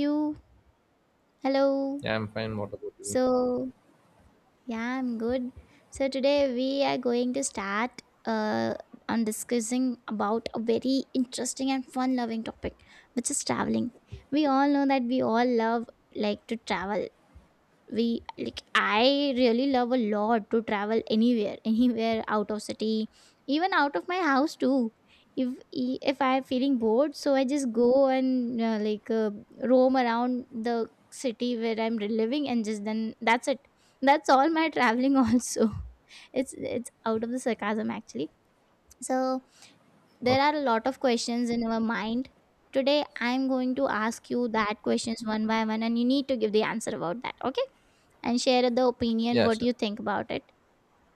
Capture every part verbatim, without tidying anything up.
You. Hello. Yeah, I'm fine. What about you? So, yeah, I'm good. So today we are going to start uh, on discussing about a very interesting and fun loving topic, which is traveling. We all know that we all love like to travel, we like I really love a lot to travel anywhere, anywhere out of city, even out of my house too. If if I'm feeling bored, so I just go and uh, like uh, roam around the city where I'm living, and just then that's it. That's all my traveling also. it's it's out of the sarcasm actually. So there Okay. are a lot of questions in our mind. Today, I'm going to ask you that questions one by one, and you need to give the answer about that, okay? And share the opinion Yeah, what sure. you think about it.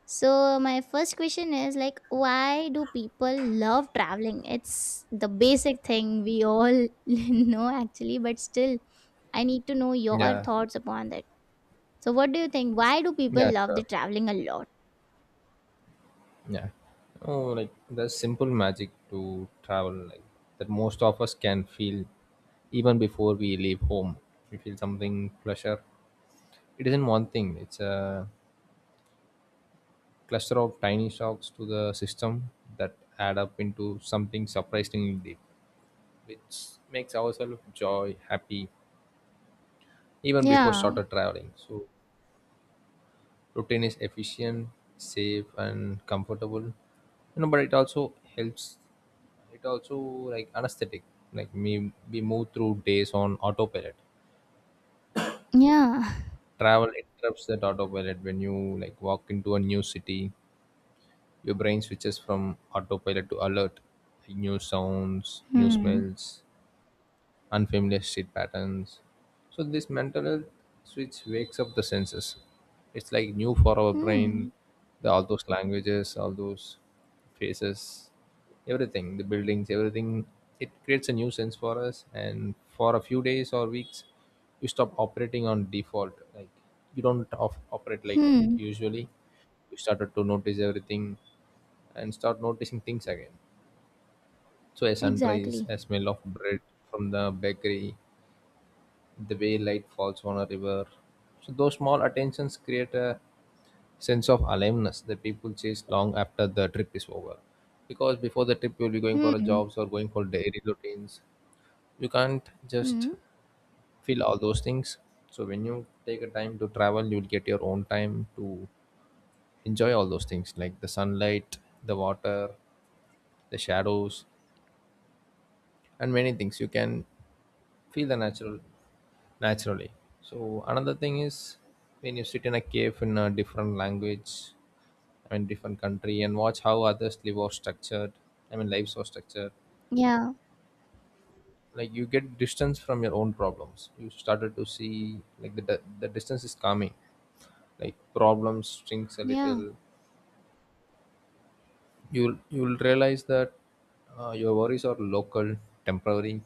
So, my first question is like, why do people love traveling? It's the basic thing we all know actually, but still, I need to know your Yeah. thoughts upon that. So, what do you think? Why do people Yeah, love the sure. traveling a lot? Yeah. Oh, like there's simple magic to travel, like that most of us can feel even before we leave home. We feel something pleasure. It isn't one thing, it's a cluster of tiny shocks to the system that add up into something surprisingly deep, which makes ourselves joy, happy, even before Yeah. started traveling. So routine is efficient, safe and comfortable, you know, but it also helps, it also like anesthetic, like me, we move through days on autopilot. Yeah. Travel interrupts that autopilot. When you like walk into a new city, your brain switches from autopilot to alert. New sounds, new Hmm. smells, unfamiliar shit patterns. So this mental health switch wakes up the senses. It's like new for our brain, Hmm. the all those languages, all those faces, everything, the buildings, everything. It creates a new sense for us, and for a few days or weeks, you stop operating on default. Like you don't off- operate like Hmm. usually. You started to notice everything, and start noticing things again. So a sunrise, Exactly. a smell of bread from the bakery, the way light falls on a river. So those small attentions create a sense of aliveness that people chase long after the trip is over. Because before the trip you'll be going for a Hmm. jobs or going for daily routines. You can't just Hmm. feel all those things. So when you take a time to travel, you'll get your own time to enjoy all those things like the sunlight, the water, the shadows, and many things. You can feel the natural naturally. So another thing is when you sit in a cave in a different language, I mean different country, and watch how others live or structured. I mean lives are structured. Yeah. Like you get distance from your own problems. You started to see like the the distance is calming. Like problems shrinks a Yeah. little. You'll you'll realize that uh, your worries are local, temporary,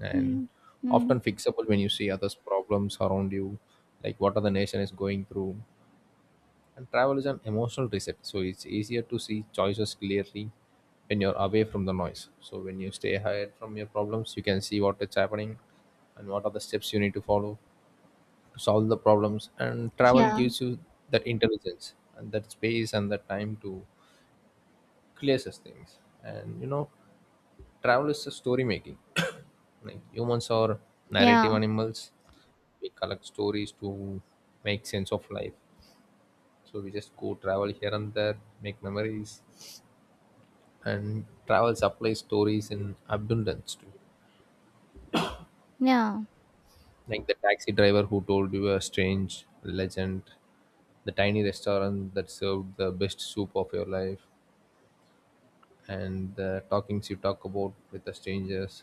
and Hmm. Hmm. often fixable when you see others' problems around you, like what other nation is going through. And travel is an emotional reset, so it's easier to see choices clearly when you're away from the noise. So when you stay ahead from your problems, you can see what is happening and what are the steps you need to follow to solve the problems. And travel Yeah. gives you that intelligence and that space and that time to clear such things. And you know, travel is a story making. Like humans are narrative Yeah. animals. We collect stories to make sense of life. So we just go travel here and there, make memories, and travel supplies stories in abundance too. Yeah. Like the taxi driver who told you a strange legend, the tiny restaurant that served the best soup of your life, and the talkings you talk about with the strangers,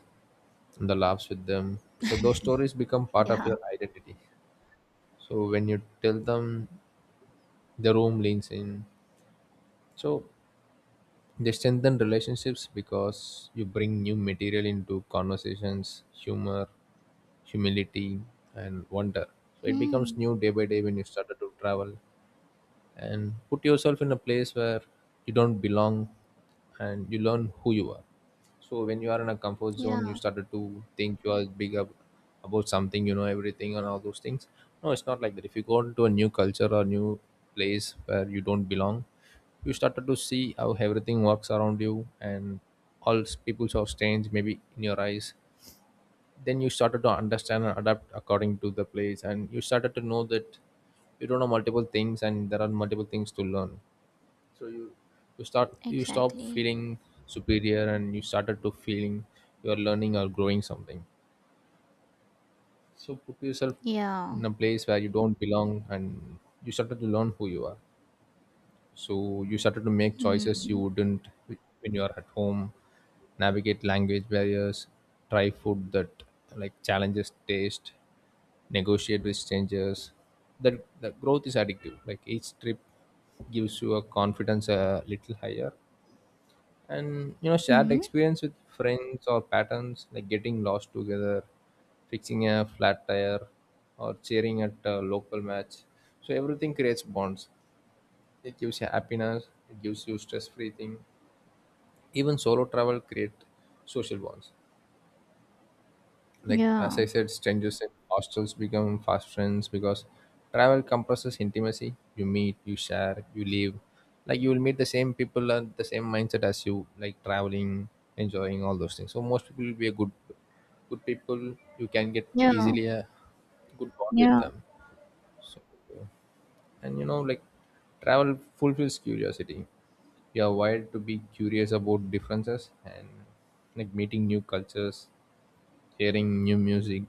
and the laughs with them. So those stories become part of Yeah. your identity. So when you tell them, the room leans in. So they strengthen relationships because you bring new material into conversations, humor, humility, and wonder. So it Hmm. becomes new day by day when you started to travel and put yourself in a place where you don't belong, and you learn who you are. So when you are in a comfort Yeah, zone, you started to think you are big up about something, you know, everything and all those things. No, it's not like that. If you go into a new culture or new place where you don't belong, you started to see how everything works around you, and all s- people are strange maybe in your eyes. Then you started to understand and adapt according to the place, and you started to know that you don't know multiple things and there are multiple things to learn. You start you stop exactly. feeling superior and you started to feeling you are learning or growing something. So put yourself Yeah. in a place where you don't belong and you started to learn who you are. So you started to make choices you Hmm. wouldn't when you are at home. Navigate language barriers, try food that like challenges taste, negotiate with strangers. That the growth is addictive. Like each trip gives you a confidence a little higher. And you know, shared Hmm. experience with friends or patterns, like getting lost together, fixing a flat tire, or cheering at a local match. So everything creates bonds. It gives you happiness. It gives you stress-free thing. Even solo travel create social bonds. Like as I Yeah. said, strangers in hostels become fast friends because travel compresses intimacy. You meet, you share, you live. Like you will meet the same people and the same mindset as you, like traveling, enjoying all those things. So most people will be a good, good people. You can get Yeah. easily a good bond with Yeah. them. So and you know, like travel fulfills curiosity. You are wired to be curious about differences and like meeting new cultures, hearing new music,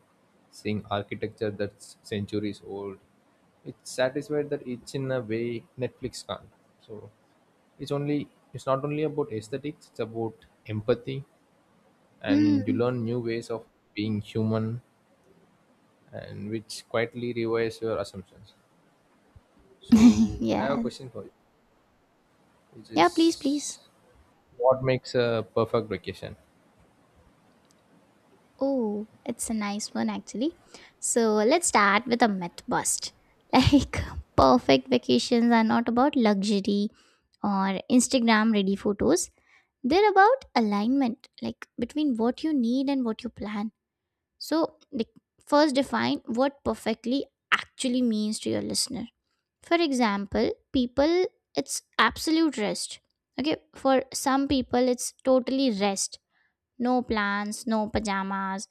seeing architecture that's centuries old. It's satisfied that it's in a way Netflix can't. So it's only it's not only about aesthetics, it's about empathy, and you Hmm. learn new ways of being human, and which quietly revise your assumptions. So I have a Yes. question for you, which Yeah, please, please. is, what makes a perfect vacation. Oh, it's a nice one actually. So let's start with a myth bust. Like perfect vacations are not about luxury or Instagram ready photos. They're about alignment, like between what you need and what you plan. So like first define what perfectly actually means to your listener. For example, people, it's absolute rest. Okay, for some people it's totally rest, no plans, no pajamas,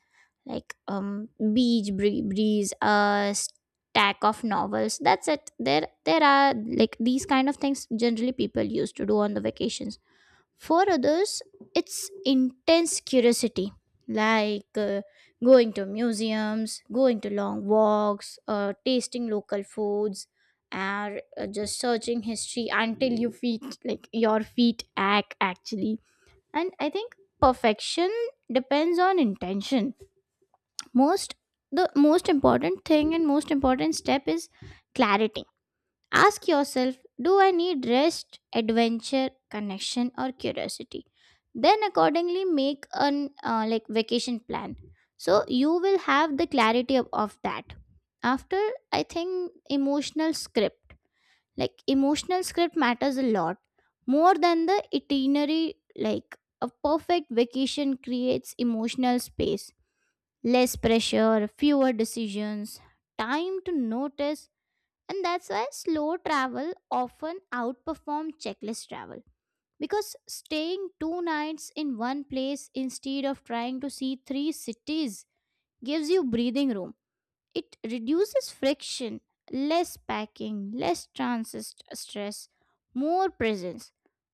like um beach bree- breeze, a stack of novels, that's it. There there are like these kind of things generally people used to do on the vacations. For others, it's intense curiosity, like uh, going to museums, going to long walks, uh, tasting local foods, or uh, just searching history until you feet like your feet ache actually. And I think perfection depends on intention. Most The most important thing and most important step is clarity. Ask yourself, do I need rest, adventure, connection, or curiosity? Then accordingly make an uh, like vacation plan. So you will have the clarity of, of that. After, I think emotional script, like emotional script matters a lot more than the itinerary. Like a perfect vacation creates emotional space, less pressure, fewer decisions, time to notice. And that's why slow travel often outperforms checklist travel. Because staying two nights in one place instead of trying to see three cities gives you breathing room. It reduces friction, less packing, less transit stress, more presence.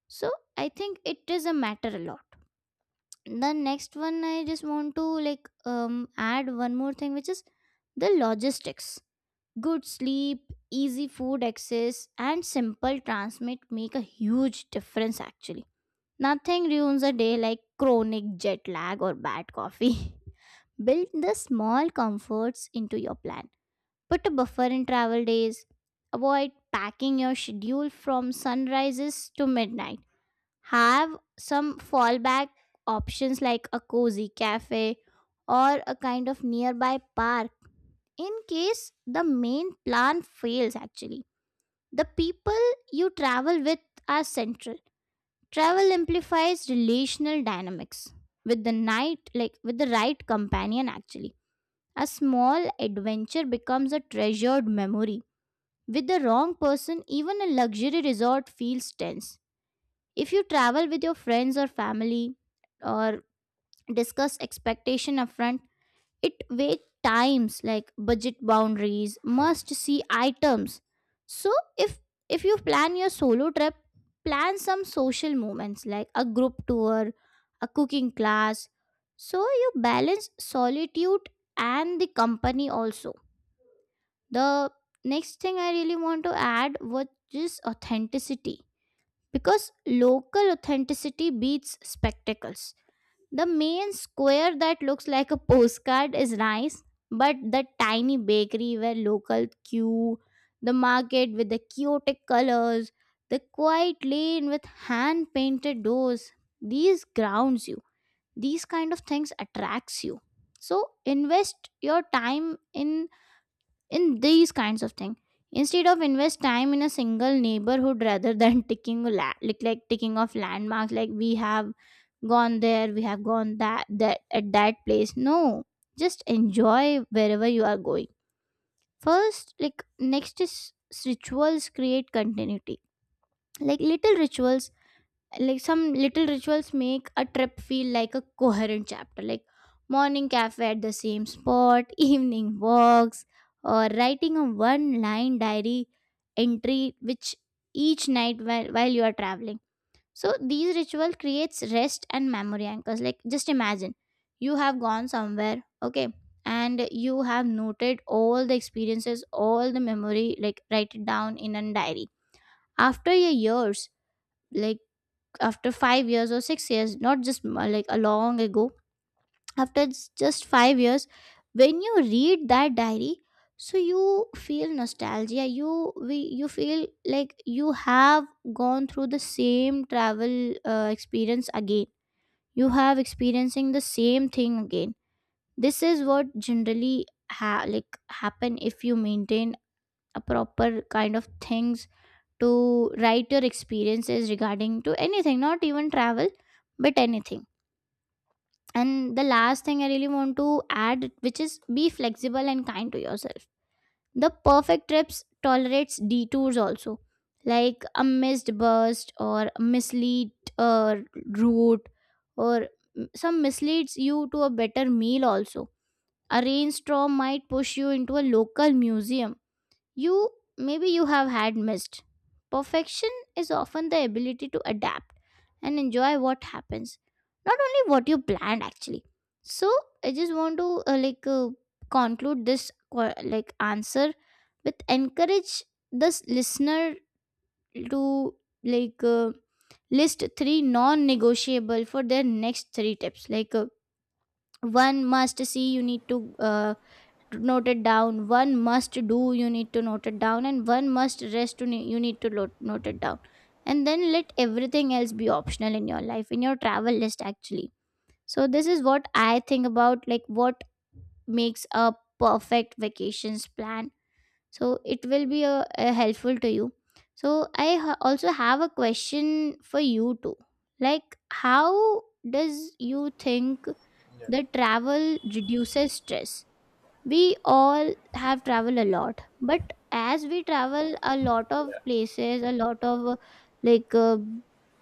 So I think it is a matter a lot. The next one I just want to like um add one more thing, which is the logistics. Good sleep, easy food access, and simple transmit make a huge difference actually. Nothing ruins a day like chronic jet lag or bad coffee. Build the small comforts into your plan. Put a buffer in travel days. Avoid packing your schedule from sunrises to midnight. Have some fallback options like a cozy cafe or a kind of nearby park in case the main plan fails actually. The people you travel with are central. Travel amplifies relational dynamics. With the night like with the right companion, actually, a small adventure becomes a treasured memory. With the wrong person, even a luxury resort feels tense. If you travel with your friends or family, or discuss expectation upfront. It vague times like budget boundaries, must see items. So if if you plan your solo trip, plan some social moments like a group tour, a cooking class. So you balance solitude and the company also. The next thing I really want to add was just authenticity, because local authenticity beats spectacles. The main square that looks like a postcard is nice, but the tiny bakery where local queue, the market with the chaotic colors, the quiet lane with hand painted doors, these grounds you. These kind of things attracts you. So invest your time in in these kinds of things, instead of invest time in a single neighborhood rather than ticking la- like like ticking off landmarks like we have gone there, we have gone that that at that place. No, just enjoy wherever you are going first. Like next is rituals create continuity. Like little rituals, like some little rituals make a trip feel like a coherent chapter, like morning cafe at the same spot, evening walks, or writing a one line diary entry which each night while, while you are traveling. So these ritual creates rest and memory anchors. Like just imagine you have gone somewhere, okay, and you have noted all the experiences, all the memory, like write it down in a diary. After your years, like after five years or six years, not just m- like a long ago, after s- just five years, when you read that diary, so you feel nostalgia. you we you feel like you have gone through the same travel uh, experience again. You have experiencing the same thing again. This is what generally ha- like happen if you maintain a proper kind of things to write your experiences regarding to anything, not even travel, but anything. And the last thing I really want to add, which is be flexible and kind to yourself. The perfect trips tolerates detours also, like a missed bus or a mislead uh, route, or some misleads you to a better meal also. A rainstorm might push you into a local museum you, maybe you have had missed. Perfection is often the ability to adapt and enjoy what happens, not only what you planned actually. So I just want to uh, like uh, conclude this que- like answer with encourage this listener to like uh, list three non-negotiable for their next three tips. Like uh, one must see you need to uh, note it down, one must do you need to note it down, and one must rest you ne- you need to lo- note it down. And then let everything else be optional in your life, in your travel list actually. So this is what I think about like what makes a perfect vacations plan. So it will be a, a helpful to you. So I ha- also have a question for you too, like how does you think the travel reduces stress. We all have traveled a lot, but as we travel a lot of places, a lot of uh, like uh,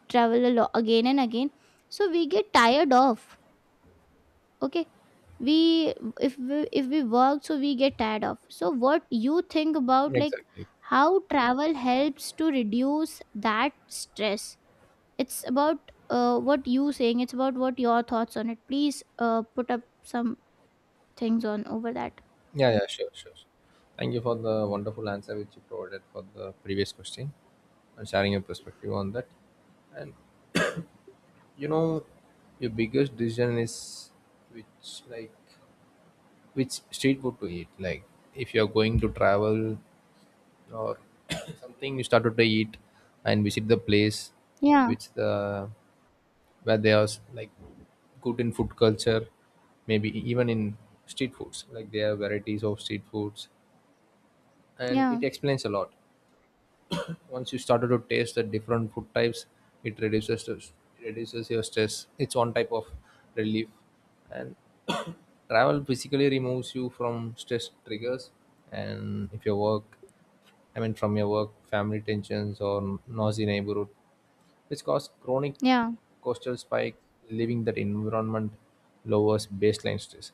travel a lot again and again, so we get tired of. Okay, we if we if we work, so we get tired of. So what you think about like Exactly. how travel helps to reduce that stress? It's about uh, what you saying, it's about what your thoughts on it. Please uh, put up some things on over that. Yeah, yeah, sure, sure. sure. Thank you for the wonderful answer which you provided for the previous question and sharing your perspective on that. And you know, your biggest decision is which like which street food to eat. Like if you are going to travel or something, you started to eat and visit the place Yeah, which the where they are like good in food culture, maybe e- even in street foods. Like there are varieties of street foods and yeah, it explains a lot. Once you started to taste the different food types, it reduces the, reduces your stress. It's one type of relief. And travel basically removes you from stress triggers, and if your work I mean from your work, family tensions or noisy neighborhood, which cause chronic yeah. coastal spike, leaving that environment lowers baseline stress.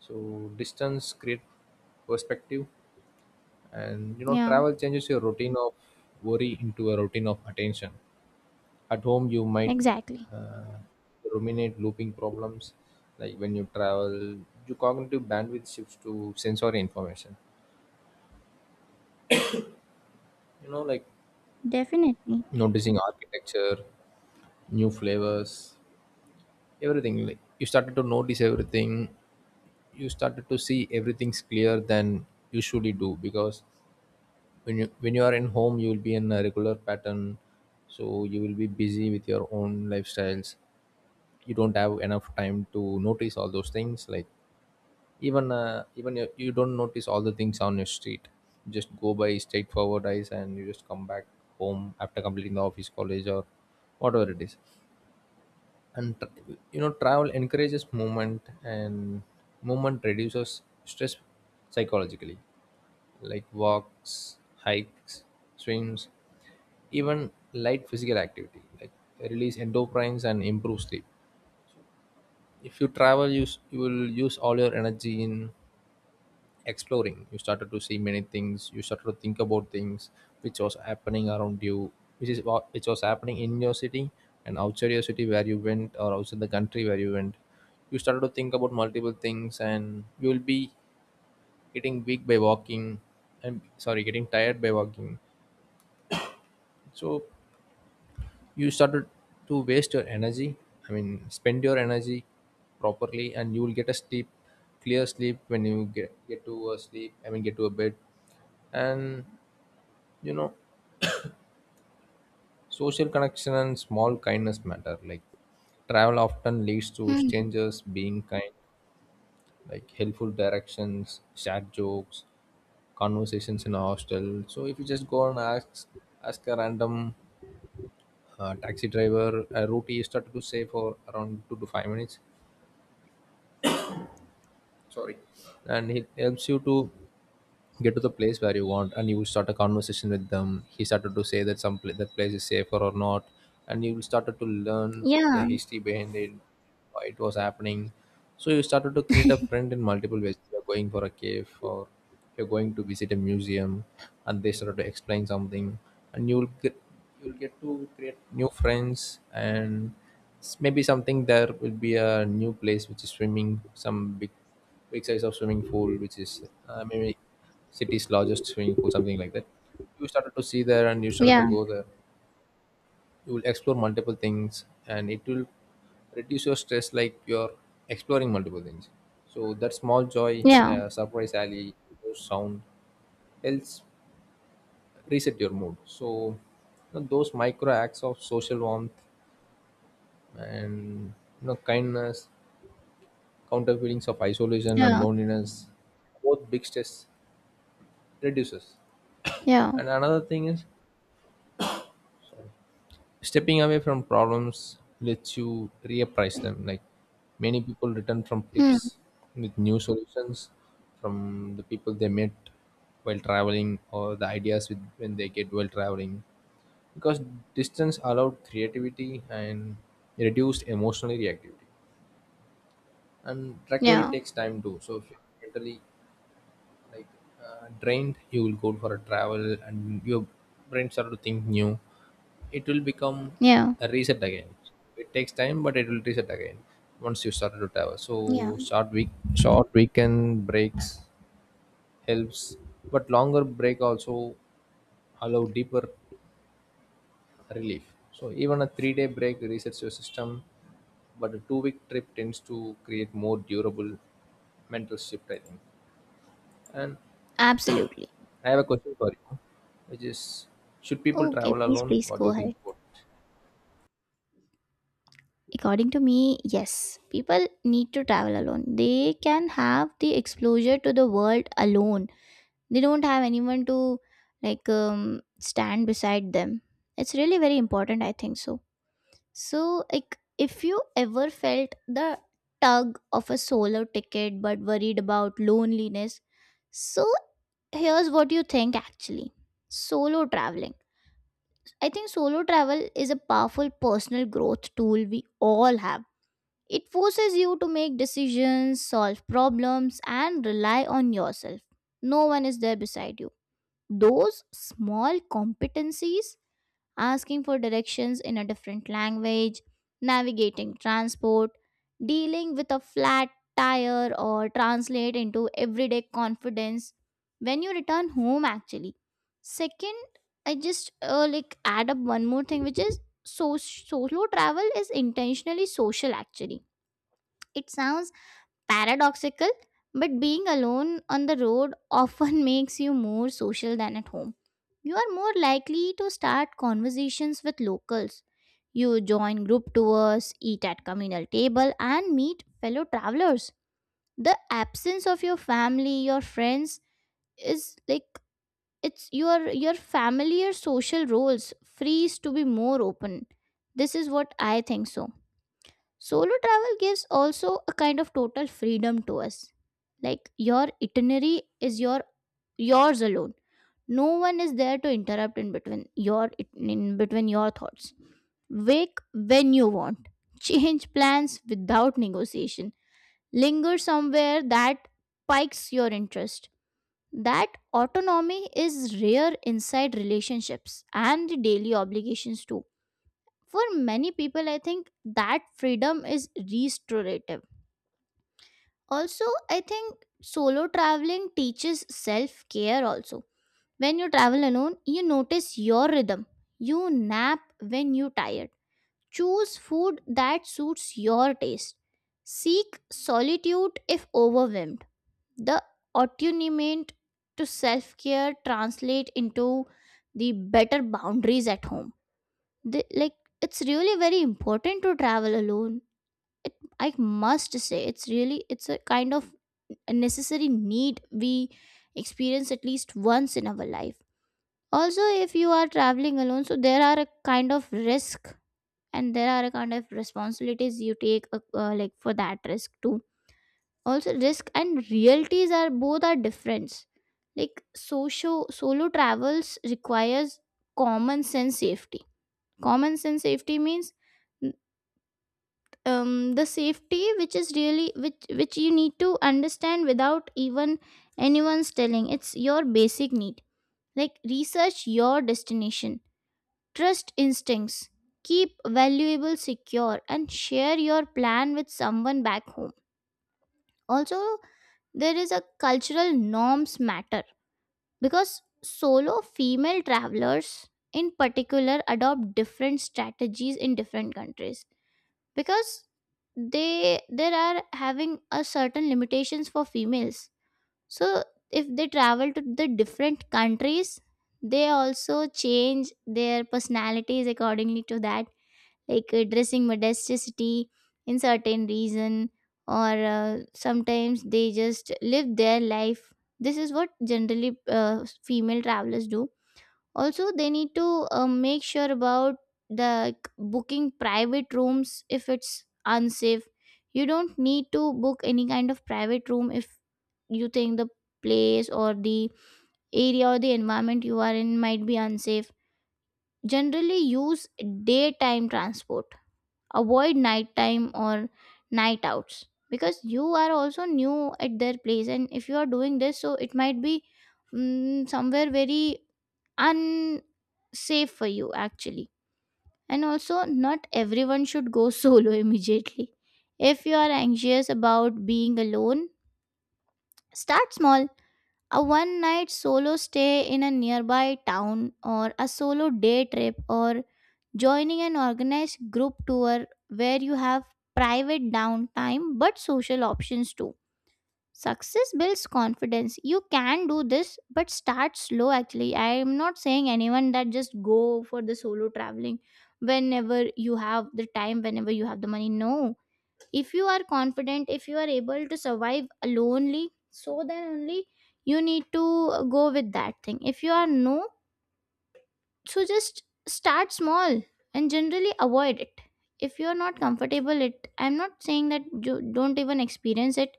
So distance create perspective, and you know Yeah, travel changes your routine of worry into a routine of attention. At home, you might exactly. uh, ruminate looping problems. Like when you travel, your cognitive bandwidth shifts to sensory information. You know, like Definitely. noticing architecture, new flavors, everything. Like you started to notice everything, you started to see everything's clear than you usually do. Because when you when you are in home, you will be in a regular pattern, so you will be busy with your own lifestyles. You don't have enough time to notice all those things. Like even uh, even you, you don't notice all the things on your street. You just go by straightforward eyes and you just come back home after completing the office, college or whatever it is. and tr- you know, travel encourages movement and movement reduces stress psychologically, like walks, hikes, swims. Even light physical activity like release endorphins and improve sleep. If you travel, you, s- you will use all your energy in exploring. You started to see many things, you started to think about things which was happening around you, which is what which was happening in your city and outside your city where you went, or outside the country where you went. You started to think about multiple things and you will be getting weak by walking and sorry getting tired by walking. So you started to waste your energy I mean spend your energy properly and you will get a sleep, clear sleep when you get, get to a sleep, I mean get to a bed. And you know, social connection and small kindness matter. Like travel often leads to Hmm. strangers being kind, like helpful directions, chat, jokes, conversations in a hostel. So if you just go and ask ask a random, uh, taxi driver a route, he started to say for around two to five minutes. Sorry. And he helps you to get to the place where you want, and you will start a conversation with them. He started to say that some pla- that place is safer or not, and you will started to learn the Yeah, history behind it, why it was happening. So you started to create a friend in multiple ways. You're going for a cave or you're going to visit a museum and they started to explain something, and you will get you'll get to create new friends. And s- maybe something there, will be a new place which is swimming, some big big size of swimming pool, which is, uh, maybe city's largest swimming pool, something like that. You started to see there and you started to yeah, go there. You will explore multiple things and it will reduce your stress, like you're exploring multiple things. So that small joy, yeah, uh, surprise alley, those sound helps reset your mood. So you know, those micro acts of social warmth and you know kindness, counter feelings of isolation and yeah, loneliness, both big stress reduces. yeah. And another thing is stepping away from problems lets you reappraise them. Like many people return from Hmm. tips with new solutions from the people they met while traveling, or the ideas with when they get while traveling. Because distance allowed creativity and reduced emotional reactivity. And recovery Yeah, takes time too. So if you're mentally like, uh, drained, you will go for a travel and your brain start to think new. It will become yeah, a reset again. It takes time but it will reset again once you started to travel. So yeah. short week short weekend breaks helps, but longer break also allow deeper relief. So even a three day break resets your system, but a two week trip tends to create more durable mental shift, I think. And Absolutely. I have a question for you, which is, should people Okay, travel please, alone? please What do go you think ahead. about it? According to me, yes, people need to travel alone. They can have the exposure to the world alone. They don't have anyone to like um, stand beside them. It's really very important, I think so. So, like, if you ever felt the tug of a solo ticket but worried about loneliness, so here's what you think actually, solo traveling. I think solo travel is a powerful personal growth tool we all have. It forces you to make decisions, solve problems, and rely on yourself. No one is there beside you. Those small competencies, asking for directions in a different language, navigating transport, dealing with a flat tire, or translate into everyday confidence when you return home, actually. Second, I just uh, like add up one more thing, which is so solo travel is intentionally social, actually. It sounds paradoxical, but being alone on the road often makes you more social than at home. You are more likely to start conversations with locals. You join group tours, eat at communal table and meet fellow travelers. The absence of your family, your friends is like it's your your familiar social roles frees to be more open. This is what I think so. Solo travel gives also a kind of total freedom to us. Like your itinerary is your yours alone. No one is there to interrupt in between your in between your thoughts. Wake when you want. Change plans without negotiation. Linger somewhere that pikes your interest. That autonomy is rare inside relationships and the daily obligations too. For many people, I think that freedom is restorative. Also, I think solo traveling teaches self care also. When you travel alone, you notice your rhythm. You nap when you're tired. Choose food that suits your taste. Seek solitude if overwhelmed. The attunement to self care translate into the better boundaries at home. The, like it's really very important to travel alone. It i must say it's really it's a kind of a necessary need we experience at least once in our life. Also, if you are traveling alone, so there are a kind of risk, and there are a kind of responsibilities you take uh, uh, like for that risk too. Also, risk and realities are both are different. Like socio solo travels requires common sense safety. Common sense safety means um, the safety which is really which which you need to understand without even anyone's telling. It's your basic need. Like research your destination, trust instincts, keep valuable secure, and share your plan with someone back home. Also, there is a cultural norms matter, because solo female travelers in particular adopt different strategies in different countries, because they there are having a certain limitations for females. So if they travel to the different countries, they also change their personalities accordingly to that, like uh, dressing modesticity in certain reason, or uh, sometimes they just live their life. This is what generally uh, female travelers do. Also, they need to uh, make sure about the like, booking private rooms if it's unsafe. You don't need to book any kind of private room if you think the place or the area or the environment you are in might be unsafe. Generally use daytime transport, avoid nighttime or night outs, because you are also new at their place, and if you are doing this, so it might be mm, somewhere very unsafe for you actually. And also, not everyone should go solo immediately. If you are anxious about being alone, start small: a one night solo stay in a nearby town, or a solo day trip, or joining an organized group tour where you have private downtime but social options too. Success builds confidence. You can do this, but start slow actually. I am not saying anyone that just go for the solo traveling whenever you have the time, whenever you have the money. No, if you are confident, if you are able to survive lonely, so then only you need to uh, go with that thing. If you are no, so just start small and generally avoid it if you are not comfortable it. I'm not saying that you don't even experience it,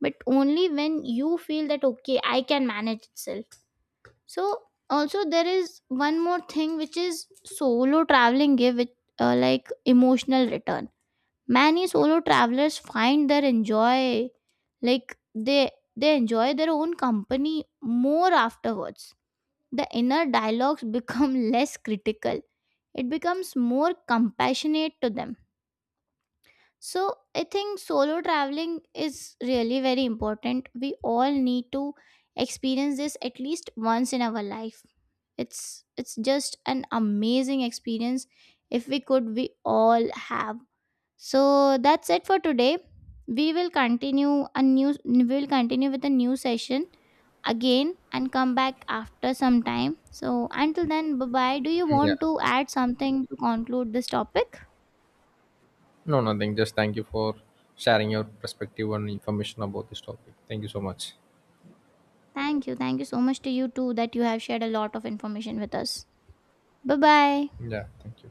but only when you feel that okay, I can manage itself. So also, there is one more thing, which is solo traveling give it uh, like emotional return. Many solo travelers find their enjoy like they they enjoy their own company more afterwards. The inner dialogues become less critical. It becomes more compassionate to them. So I think solo traveling is really very important. We all need to experience this at least once in our life. It's it's just an amazing experience if we could we all have. So that's it for today. We will continue a new we will continue with a new session again and come back after some time. So until then, bye bye. Do you Mm, yeah. want to add something to conclude this topic? No, nothing. Just thank you for sharing your perspective and information about this topic. Thank you so much. Thank you. Thank you so much to you too, that you have shared a lot of information with us. Bye bye. Yeah. Thank you.